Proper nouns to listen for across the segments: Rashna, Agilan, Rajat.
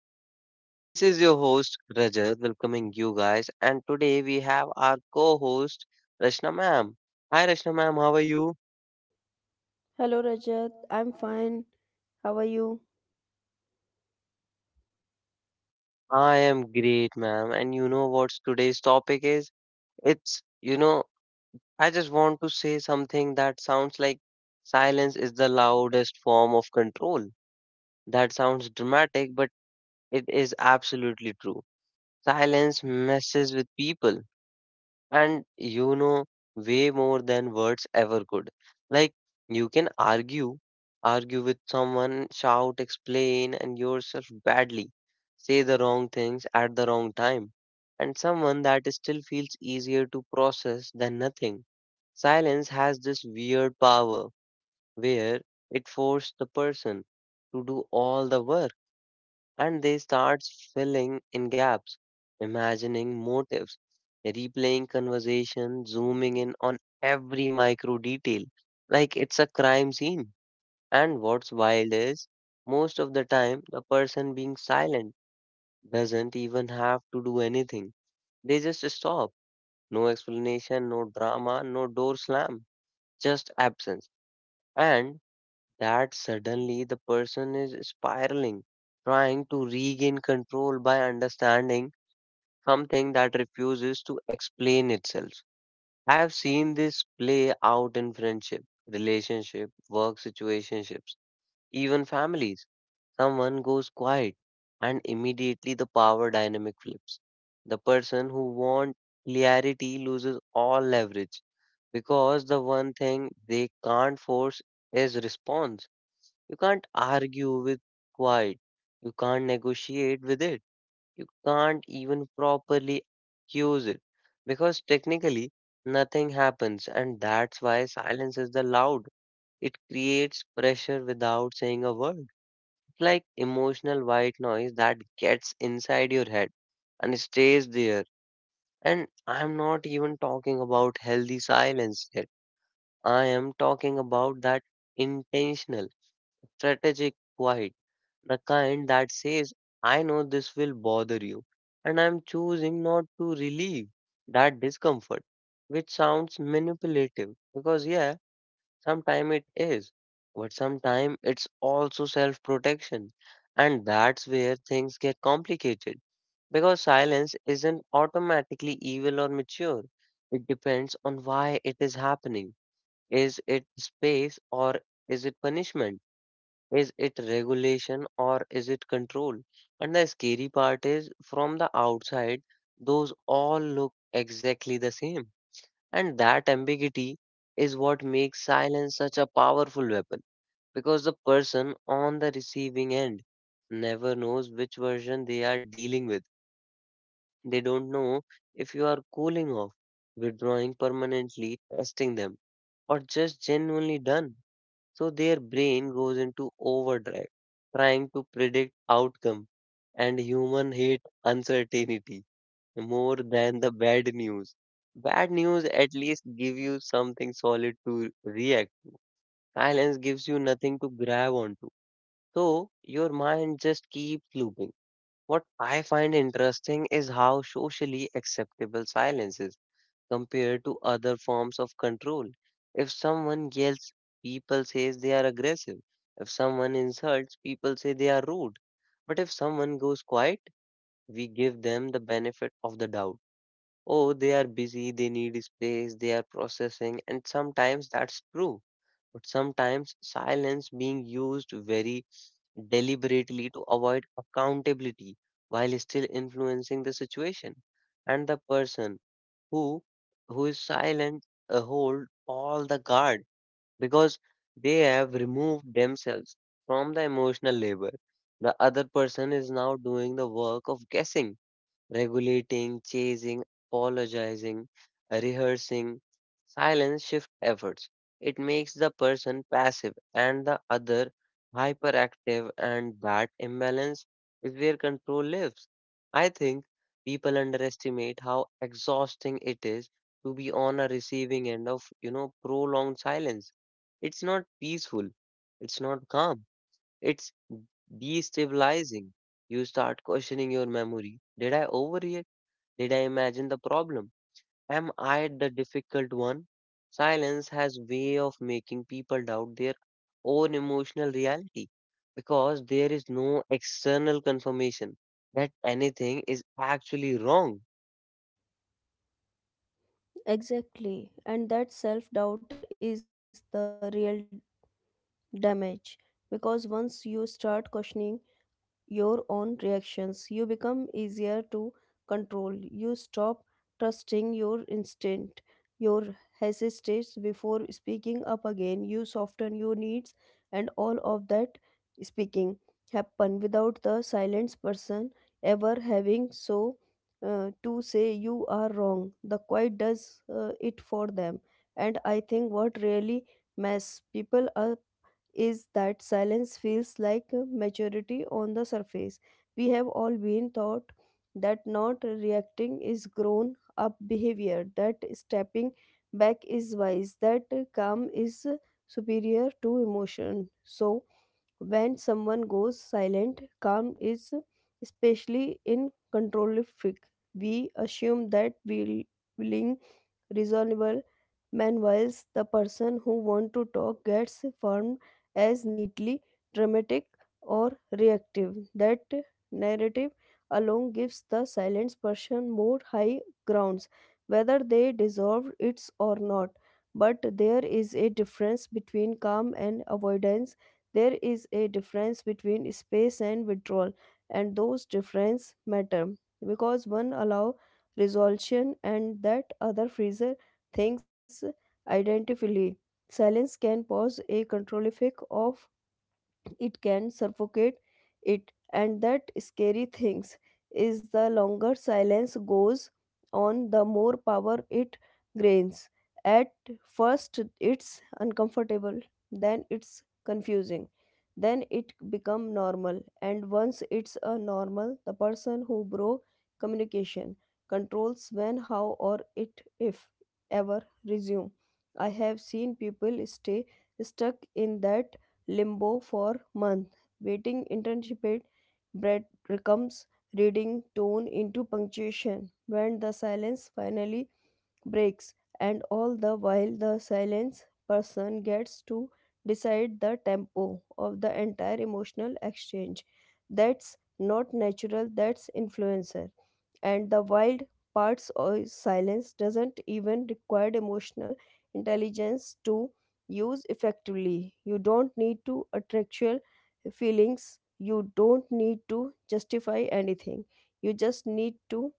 podcast. This is your host, Rajat, welcoming you guys. And today we have our co host, Rashna ma'am. Hi, Rashna ma'am. How are you? Hello Rajat, I'm fine. How are you? I am great, ma'am. And you know what today's topic is? It's, you know, I just want to say something that sounds like silence is the loudest form of control. That sounds dramatic, but it is absolutely true. Silence messes with people and way more than words ever could, like you can argue with someone, shout, explain and yourself badly, say the wrong things at the wrong time, and someone that still feels easier to process than nothing. Silence has this weird power where it forces the person to do all the work, and they start filling in gaps, imagining motives, replaying conversation, zooming in on every micro detail, like it's a crime scene. And what's wild is, most of the time, the person being silent doesn't even have to do anything. They just stop. No explanation, no drama, no door slam, just absence. And that suddenly the person is spiraling, trying to regain control by understanding something that refuses to explain itself. I have seen this play out in friendship, relationship, work situationships, even families. Someone goes quiet and immediately the power dynamic flips. The person who wants clarity loses all leverage because the one thing they can't force is response. You can't argue with quiet. You can't negotiate with it. You can't even properly use it because technically nothing happens, and that's why silence is the loud. It creates pressure without saying a word. It's like emotional white noise that gets inside your head and stays there. And I'm not even talking about healthy silence yet. I am talking about that intentional, strategic quiet, the kind that says, "I know this will bother you, and I'm choosing not to relieve that discomfort," which sounds manipulative because, yeah, sometimes it is, but sometimes it's also self protection, and that's where things get complicated because silence isn't automatically evil or mature. It depends on why it is happening. Is it space or is it punishment? Is it regulation or is it control? And the scary part is, from the outside, those all look exactly the same. And that ambiguity is what makes silence such a powerful weapon because the person on the receiving end never knows which version they are dealing with. They don't know if you are cooling off, withdrawing permanently, testing them, or just genuinely done. So their brain goes into overdrive, trying to predict outcome. And human hate uncertainty more than the bad news. Bad news at least give you something solid to react to. Silence gives you nothing to grab onto. So your mind just keeps looping. What I find interesting is how socially acceptable silence is compared to other forms of control. If someone yells, people say they are aggressive. If someone insults, people say they are rude. But if someone goes quiet, we give them the benefit of the doubt. Oh, they are busy, they need space, they are processing, and sometimes that's true. But sometimes silence being used very deliberately to avoid accountability while still influencing the situation and the person who who is silent hold all the guard because they have removed themselves from the emotional labor. The other person is now doing the work of guessing, regulating, chasing, apologizing, rehearsing. Silence shift efforts. It makes the person passive and the other hyperactive, and that imbalance is where control lives. I think people underestimate how exhausting it is to be on a receiving end of, prolonged silence. It's not peaceful, it's not calm, it's destabilizing. You start questioning your memory. Did I overreact? Did I imagine the problem? Am I the difficult one? Silence has way of making people doubt their own emotional reality because there is no external confirmation that anything is actually wrong. Exactly. And that self doubt is the real damage because once you start questioning your own reactions. You become easier to control. You stop trusting your instinct. Your hesitates before speaking up again. You soften your needs, and all of that speaking happen without the silenced person ever having so to say you are wrong. The quiet does it for them, and I think what really mess people is that silence feels like a maturity on the surface. We have all been taught that not reacting is grown up behavior, that stepping back is wise, that calm is superior to emotion. So, when someone goes silent, calm is especially in control freak. We assume that will willing, reasonable, meanwhile, the person who wants to talk gets formed as neatly dramatic or reactive. That narrative alone gives the silenced person more high grounds, whether they deserve it or not. But there is a difference between calm and avoidance. There is a difference between space and withdrawal, and those differences matter because one allows resolution and that other freezer things identically. Silence can pause a control effect of it can suffocate it and that scary things is the longer silence goes on the more power it gains. At first it's uncomfortable, then it's confusing, then it become normal, and once it's a normal the person who broke communication controls when how or it if ever resume. I have seen people stay stuck in that limbo for months. Waiting intensify. Bread becomes reading tone into punctuation when the silence finally breaks, and all the while the silence person gets to decide the tempo of the entire emotional exchange. That's not natural, that's influencer. And the wild parts of silence doesn't even require emotional intelligence to use effectively. You don't need to attractual feelings. You don't need to justify anything. You just need to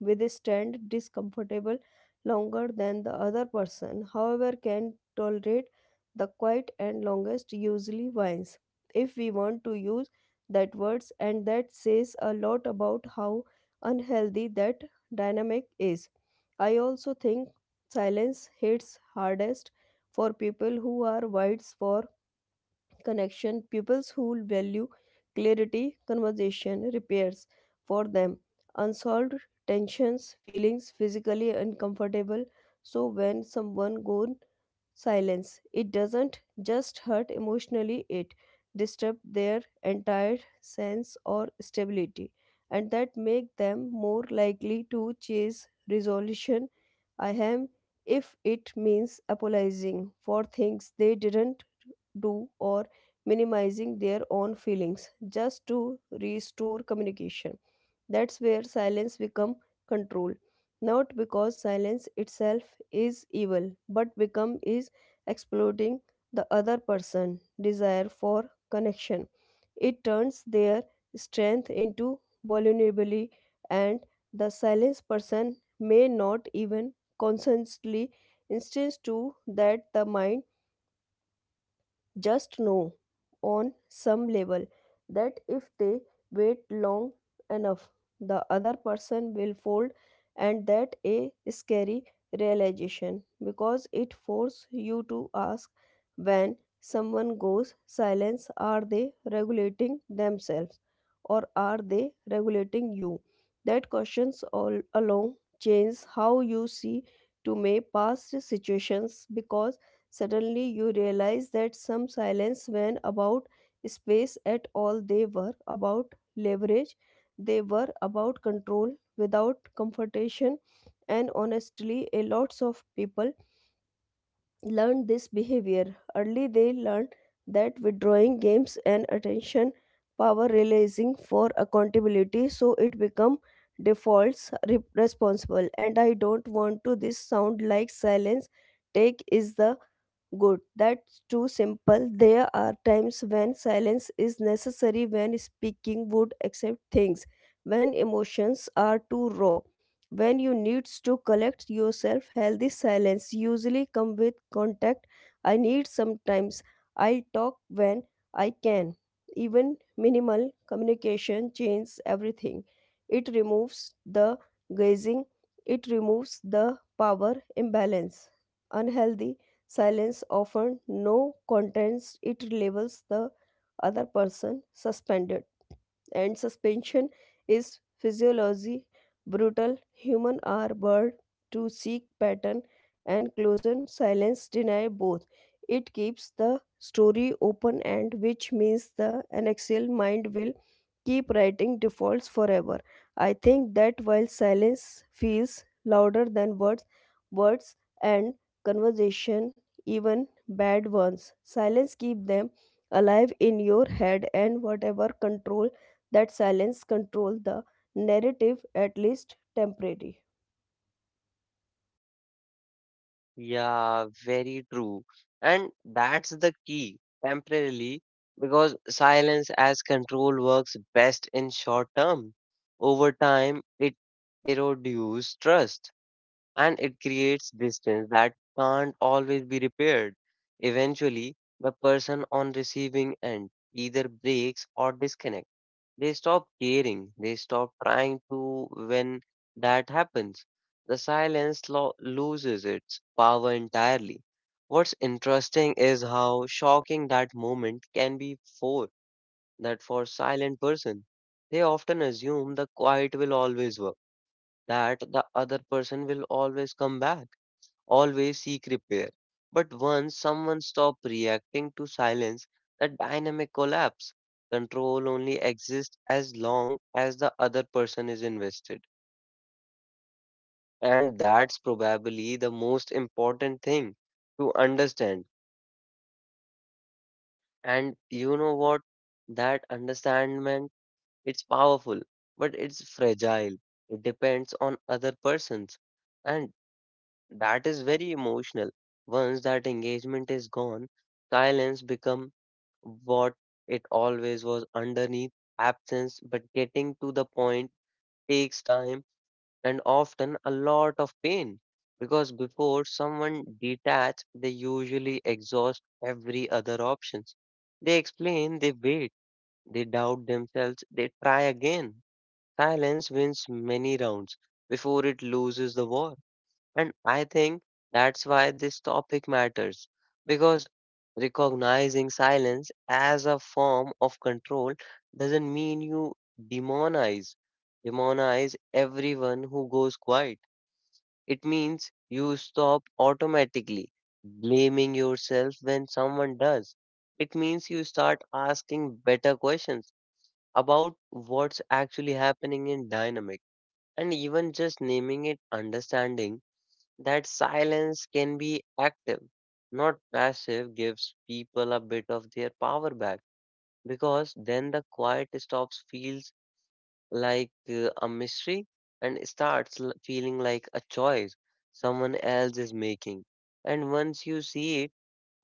withstand discomfortable longer than the other person. However, can tolerate the quiet and longest usually wins. If we want to use that words and that says a lot about how unhealthy that dynamic is. I also think silence hits hardest for people who are wides for connection, people who value clarity, conversation, repairs. For them, unsolved tensions, feelings physically uncomfortable. So when someone goes silence. It doesn't just hurt emotionally, it disturbs their entire sense or stability and that make them more likely to chase resolution. I am if it means apologizing for things they didn't do or minimizing their own feelings just to restore communication. That's where silence become control. Not because silence itself is evil, but become is exploiting the other person desire for connection. It turns their strength into vulnerability and the silenced person may not even consciously insist to that the mind just know on some level that if they wait long enough, the other person will fold, and that a scary realization because it forces you to ask when someone goes silence are they regulating themselves or are they regulating you. That questions all along change how you see to may past situations because suddenly you realize that some silence when about space at all, they were about leverage, they were about control without confrontation, and honestly, a lots of people learned this behavior. Early they learned that withdrawing games and attention power realizing for accountability so it become defaults responsible and I don't want to this sound like silence take is the good. That's too simple. There are times when silence is necessary, when speaking would accept things, when emotions are too raw, when you need to collect yourself. Healthy silence usually come with contact. I need sometimes. I talk when I can. Even minimal communication changes everything. It removes the gazing. It removes the power imbalance. Unhealthy silence often no contents. It labels the other person suspended and suspension is physiology brutal. Human are bird to seek pattern and closure. Silence deny both. It keeps the story open and which means the anaxial mind will keep writing defaults forever. I think that while silence feels louder than words, words and conversation even bad ones silence keep them alive in your head and whatever control that silence control the narrative at least temporarily. Yeah, very true. And that's the key, temporarily, because silence as control works best in short term. Over time, it erodes trust and it creates distance that can't always be repaired. Eventually, the person on receiving end either breaks or disconnects. They stop caring. They stop trying to when that happens. The silence loses its power entirely. What's interesting is how shocking that moment can be for that, for silent person. They often assume the quiet will always work, that the other person will always come back, always seek repair. But once someone stops reacting to silence, the dynamic collapse. Control only exists as long as the other person is invested. And that's probably the most important thing to understand. And you know what? That understanding, it's powerful, but it's fragile. It depends on other persons. And that is very emotional. Once that engagement is gone, silence becomes what it always was underneath, absence, but getting to the point takes time and often a lot of pain. Because before someone detach, they usually exhaust every other options. They explain, they wait, they doubt themselves, they try again. Silence wins many rounds before it loses the war. And I think that's why this topic matters because recognizing silence as a form of control doesn't mean you demonize demonize everyone who goes quiet. It means you stop automatically blaming yourself when someone does. It means you start asking better questions about what's actually happening in dynamic, and even just naming it, understanding that silence can be active, not passive, gives people a bit of their power back because then the quiet stops feels like a mystery and starts feeling like a choice someone else is making. And once you see it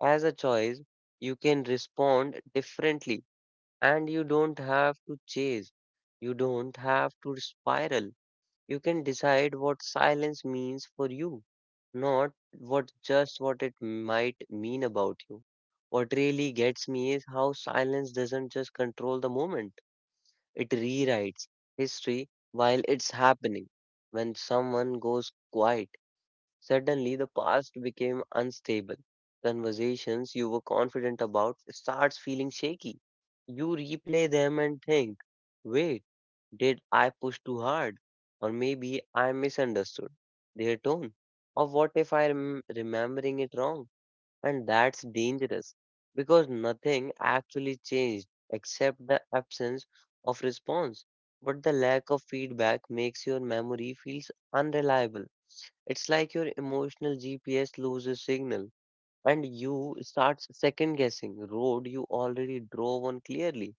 as a choice, you can respond differently, and you don't have to chase, you don't have to spiral. You can decide what silence means for you, not what just what it might mean about you. What really gets me is how silence doesn't just control the moment, it rewrites history while it's happening. When someone goes quiet, suddenly the past became unstable. Conversations you were confident about starts feeling shaky. You replay them and think, wait. Did I push too hard? Or maybe I misunderstood their tone? Or what if I am remembering it wrong? And that's dangerous because nothing actually changed except the absence of response. But the lack of feedback makes your memory feels unreliable. It's like your emotional GPS loses signal, and you start second guessing road you already drove on clearly.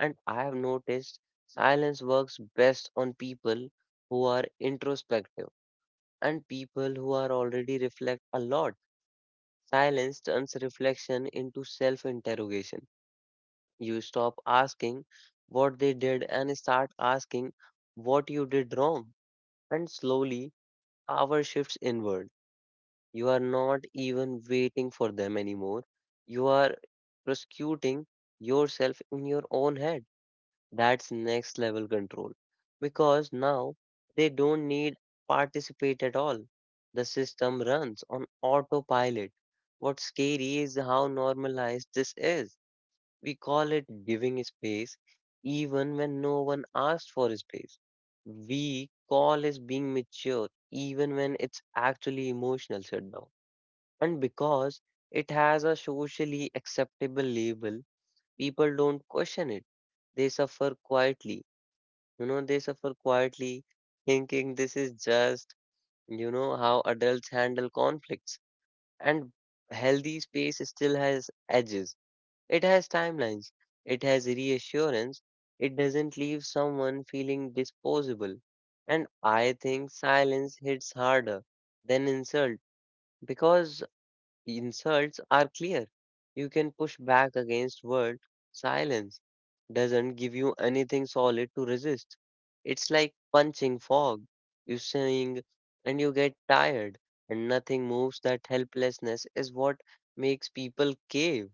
And I have noticed silence works best on people who are introspective, and people who are already reflect a lot. Silence turns reflection into self interrogation. You stop asking what they did and start asking what you did wrong. And slowly, power shifts inward. You are not even waiting for them anymore. You are prosecuting yourself in your own head. That's next level control because now they don't need participate at all. The system runs on autopilot. What's scary is how normalized this is. We call it giving space even when no one asked for space. We call it being mature even when it's actually emotional shutdown. And because it has a socially acceptable label, people don't question it. They suffer quietly. They suffer quietly, thinking this is just, how adults handle conflicts. And healthy space still has edges, it has timelines, it has reassurance, it doesn't leave someone feeling disposable. And I think silence hits harder than insult because insults are clear. You can push back against world. Silence doesn't give you anything solid to resist. It's like punching fog. You sing and you get tired and nothing moves. That helplessness is what makes people cave.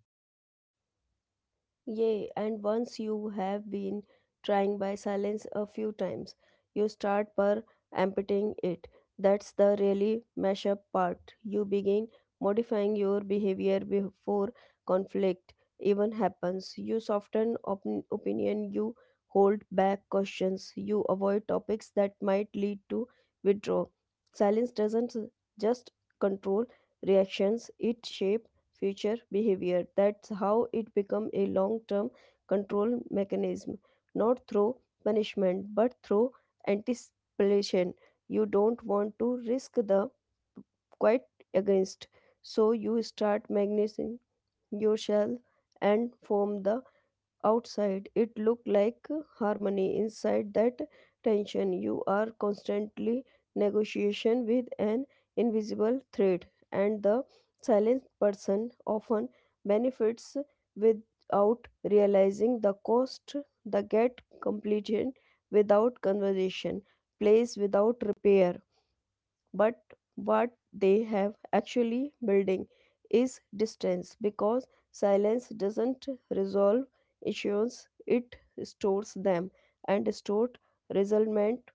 Yay, and once you have been trying by silence a few times, you start per amputing it. That's the really mash up part. You begin modifying your behavior before conflict even happens. You soften opinion, you hold back questions, you avoid topics that might lead to withdrawal. Silence doesn't just control reactions, it shapes future behavior. That's how it become a long-term control mechanism, not through punishment, but through anticipation. You don't want to risk the quite against, so you start magnetizing yourself and form the outside, it looked like harmony. Inside that tension, you are constantly negotiation with an invisible threat, and the silent person often benefits without realizing the cost. The get completed without conversation, place without repair, but what they have actually building is distance because silence doesn't resolve issues, it stores them, and stored resentment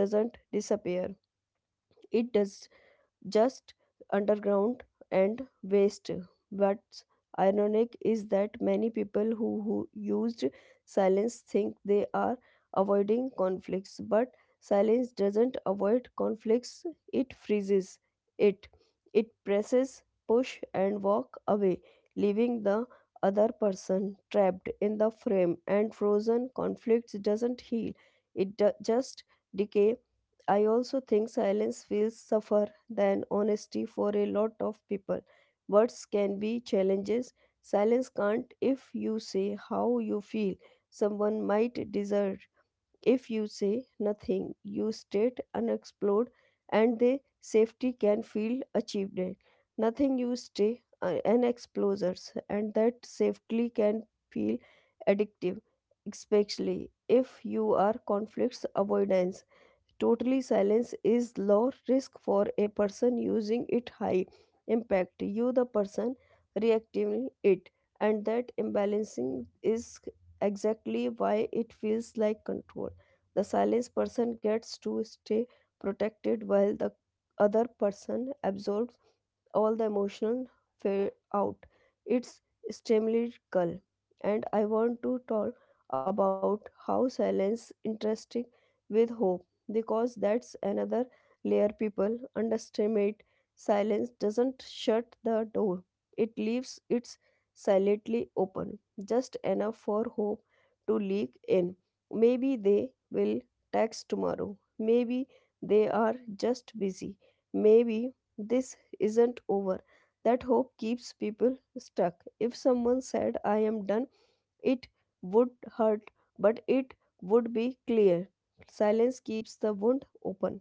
doesn't disappear, it does just underground and waste. What's ironic is that many people who used silence think they are avoiding conflicts, but silence doesn't avoid conflicts, it freezes it. It presses, push, and walk away, leaving the other person trapped in the frame, and frozen conflicts doesn't heal, it just decay. I also think silence feels suffer than honesty for a lot of people. Words can be challenges. Silence can't. If you say how you feel. Someone might desert if you say nothing. You state unexplored and the safety can feel achieved. Nothing you stay an explosures and that safely can feel addictive, especially if you are conflicts avoidance. Totally silence is low risk for a person using it high impact. You the person reacting it and that imbalancing is exactly why it feels like control. The silence person gets to stay protected while the other person absorbs all the emotional fear out. It's extremely dull, and I want to talk about how silence interesting with hope because that's another layer people underestimate. Silence doesn't shut the door, it leaves it silently open, just enough for hope to leak in. Maybe they will text tomorrow. Maybe they are just busy. Maybe this isn't over. That hope keeps people stuck. If someone said, I am done, it would hurt, but it would be clear. Silence keeps the wound open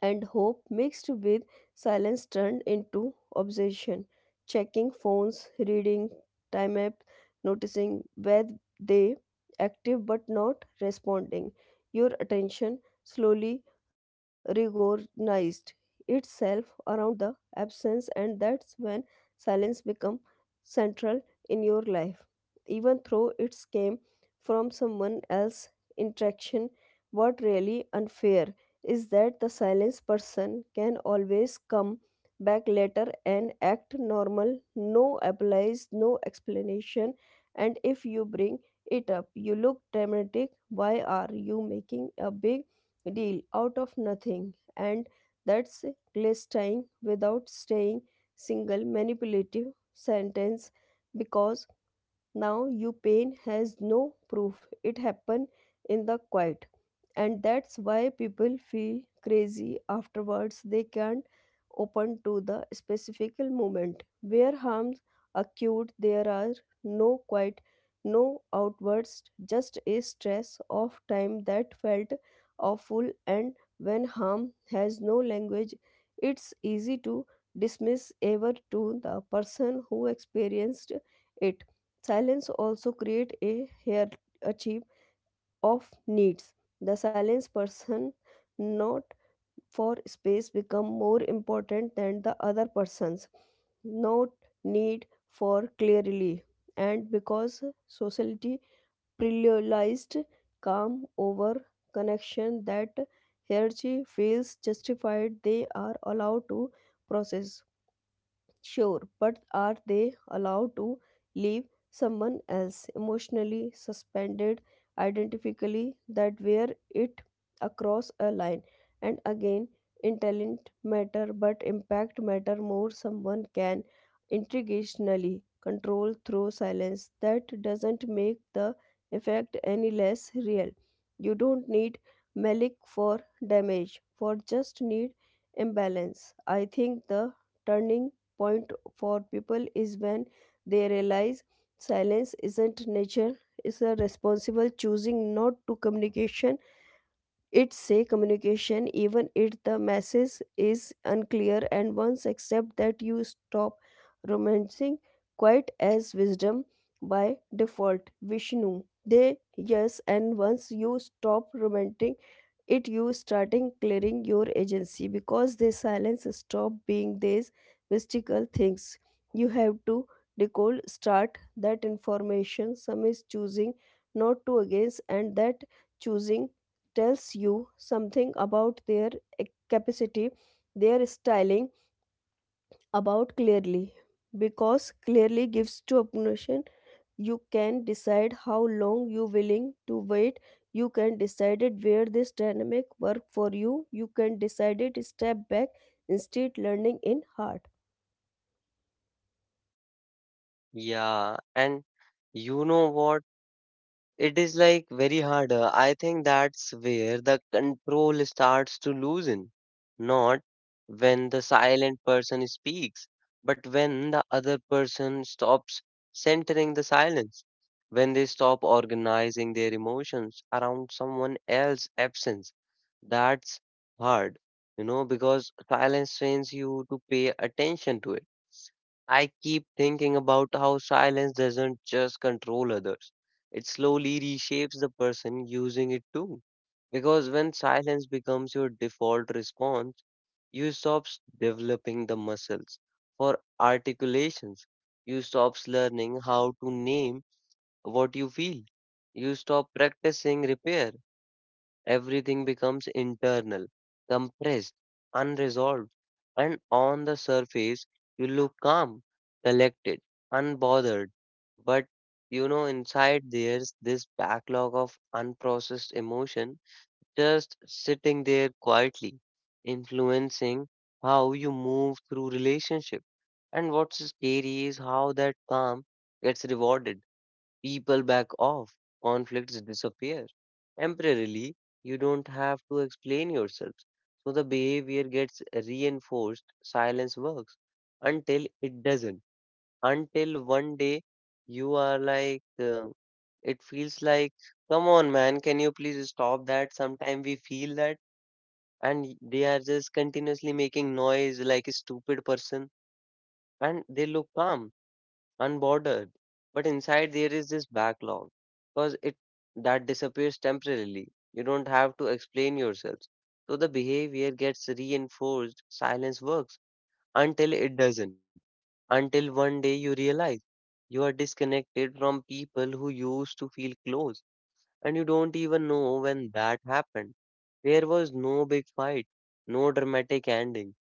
and hope mixed with silence turned into obsession. Checking phones, reading time app, noticing where they active but not responding. Your attention slowly reorganized itself around the absence, and that's when silence become central in your life. Even though it came from someone else interaction. What really unfair is that the silenced person can always come back later and act normal, no apologies, no explanation. And if you bring it up, you look dramatic. Why are you making a big deal out of nothing? And that's glistering without staying single manipulative sentence because now you pain has no proof. It happened in the quiet and that's why people feel crazy afterwards they can't open to the specific moment where harms acute. There are no quite, no outwards, just a stress of time that felt awful, and when harm has no language it's easy to dismiss ever to the person who experienced it. Silence also create a here of needs. The silence person not for space become more important than the other person's not need for clearly, and because society prioritized calm over connection that hierarchy feels justified. They are allowed to process. Sure, but are they allowed to leave someone else emotionally suspended identically. That where it across a line? And again, intent matter but impact matter more. Someone can intrigationally control through silence, that doesn't make the effect any less real. You don't need malik for damage, for just need imbalance. I think the turning point for people is when they realize silence isn't nature, it's a responsible choosing not to communication. It's say communication even if the message is unclear, and once accept that you stop romancing quite as wisdom by default vishnu they. Yes, and once you stop romancing it you starting clearing your agency because this silence stop being these mystical things you have to decode. Start that information, some is choosing not to against, and that choosing tells you something about their eh, capacity, their styling about clearly, because clearly gives to opposition. You can decide how long you willing to wait, you can decide it where this dynamic work for you, you can decide it step back instead learning in heart. Yeah, and you know what? It is like very hard. I think that's where the control starts to loosen. Not when the silent person speaks, but when the other person stops centering the silence, when they stop organizing their emotions around someone else's absence. That's hard, you know, because silence trains you to pay attention to it. I keep thinking about how silence doesn't just control others. It slowly reshapes the person using it too. Because when silence becomes your default response, you stop developing the muscles for articulations. You stop learning how to name what you feel. You stop practicing repair. Everything becomes internal, compressed, unresolved, and on the surface, you look calm, collected, unbothered. But inside there's this backlog of unprocessed emotion just sitting there quietly, influencing how you move through relationship. And what's scary is how that calm gets rewarded. People back off, conflicts disappear. Temporarily, you don't have to explain yourself. So the behavior gets reinforced, silence works until it doesn't. Until one day you are like, it feels like, come on, man, can you please stop that? Sometimes we feel that, and they are just continuously making noise like a stupid person, and they look calm unbordered. But inside there is this backlog because it that disappears temporarily. You don't have to explain yourselves. So the behavior gets reinforced, silence works until it doesn't. Until one day you realize you are disconnected from people who used to feel close and you don't even know when that happened. There was no big fight, no dramatic ending,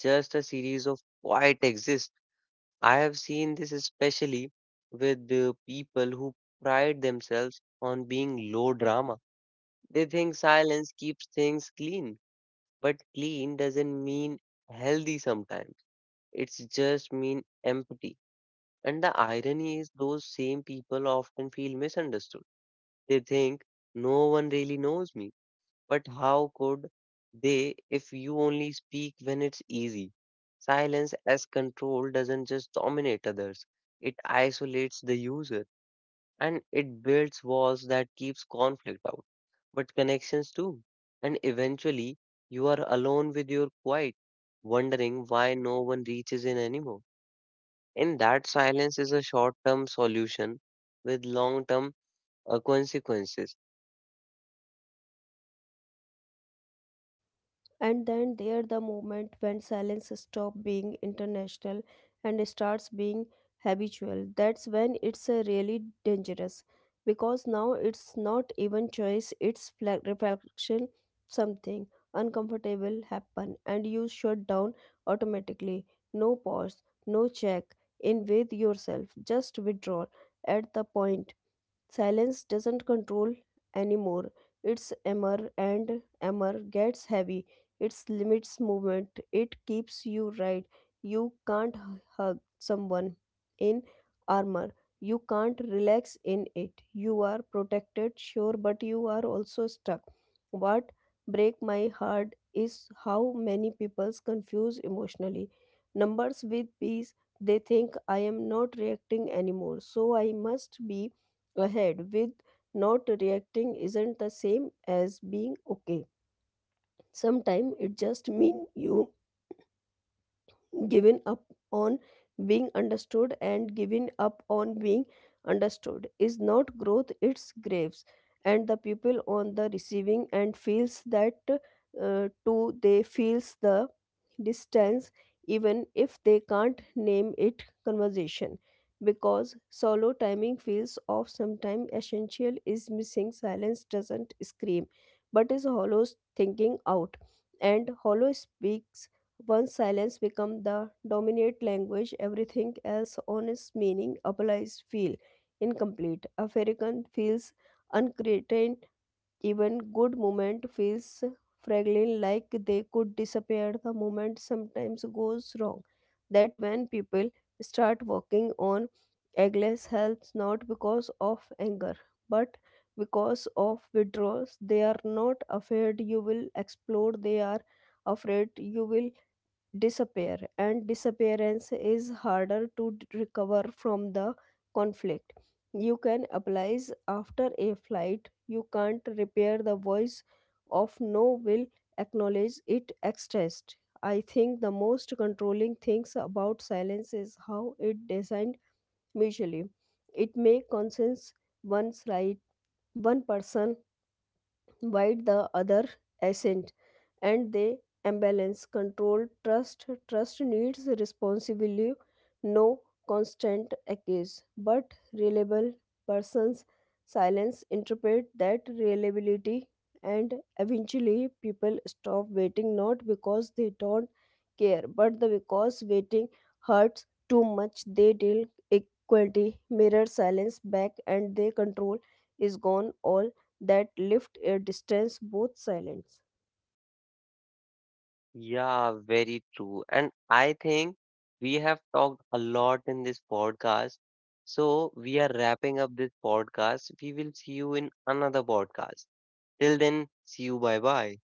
just a series of quiet exists. I have seen this especially with people who pride themselves on being low drama. They think silence keeps things clean, but clean doesn't mean healthy sometimes. It's just mean empty. And the irony is those same people often feel misunderstood. They think no one really knows me, but how could they if you only speak when it's easy? Silence as control doesn't just dominate others, it isolates the user and it builds walls that keeps conflict out, but connections too. And eventually, you are alone with your quiet, wondering why no one reaches in anymore. And that silence is a short term solution with long term consequences. And then there the moment when silence stops being international and starts being habitual. That's when it's really dangerous because now it's not even choice, it's reflection, something uncomfortable happen and you shut down automatically. No pause, no check in with yourself, just withdraw at the point. Silence doesn't control anymore. Its armor, and armor gets heavy. It limits movement. It keeps you right. You can't hug someone in armor. You can't relax in it. You are protected, sure, but you are also stuck. What break my heart is how many people confuse emotionally numbers with peace. They think I am not reacting anymore, so I must be ahead with. Not reacting isn't the same as being okay. Sometimes it just means you given up on being understood, and giving up on being understood is not growth, it's graves. And the people on the receiving end feels that too, they feels the distance even if they can't name it conversation because solo timing feels off sometime essential is missing. Silence doesn't scream but is hollow thinking out, and hollow speaks. Once silence becomes the dominant language, everything else on its meaning applies feel incomplete. African feels uncreated, even good moment feels fragile like they could disappear the moment sometimes goes wrong. That when people start walking on eggless health, not because of anger but because of withdrawals. They are not afraid you will explode, they are afraid you will disappear, and disappearance is harder to recover from the conflict. You can applies after a flight, you can't repair the voice of no will acknowledge it expressed. I think the most controlling things about silence is how it designed mutually. It may consensus one's right one person while the other assent and they imbalance control trust. Trust needs responsibly, no constant accuse but reliable persons. Silence interpret that reliability, and eventually people stop waiting, not because they don't care but the because waiting hurts too much. They deal equality mirror silence back and their control is gone, all that lift a distance both silence. Yeah, very true. And I think we have talked a lot in this podcast. So we are wrapping up this podcast. We will see you in another podcast. Till then, see you. Bye bye.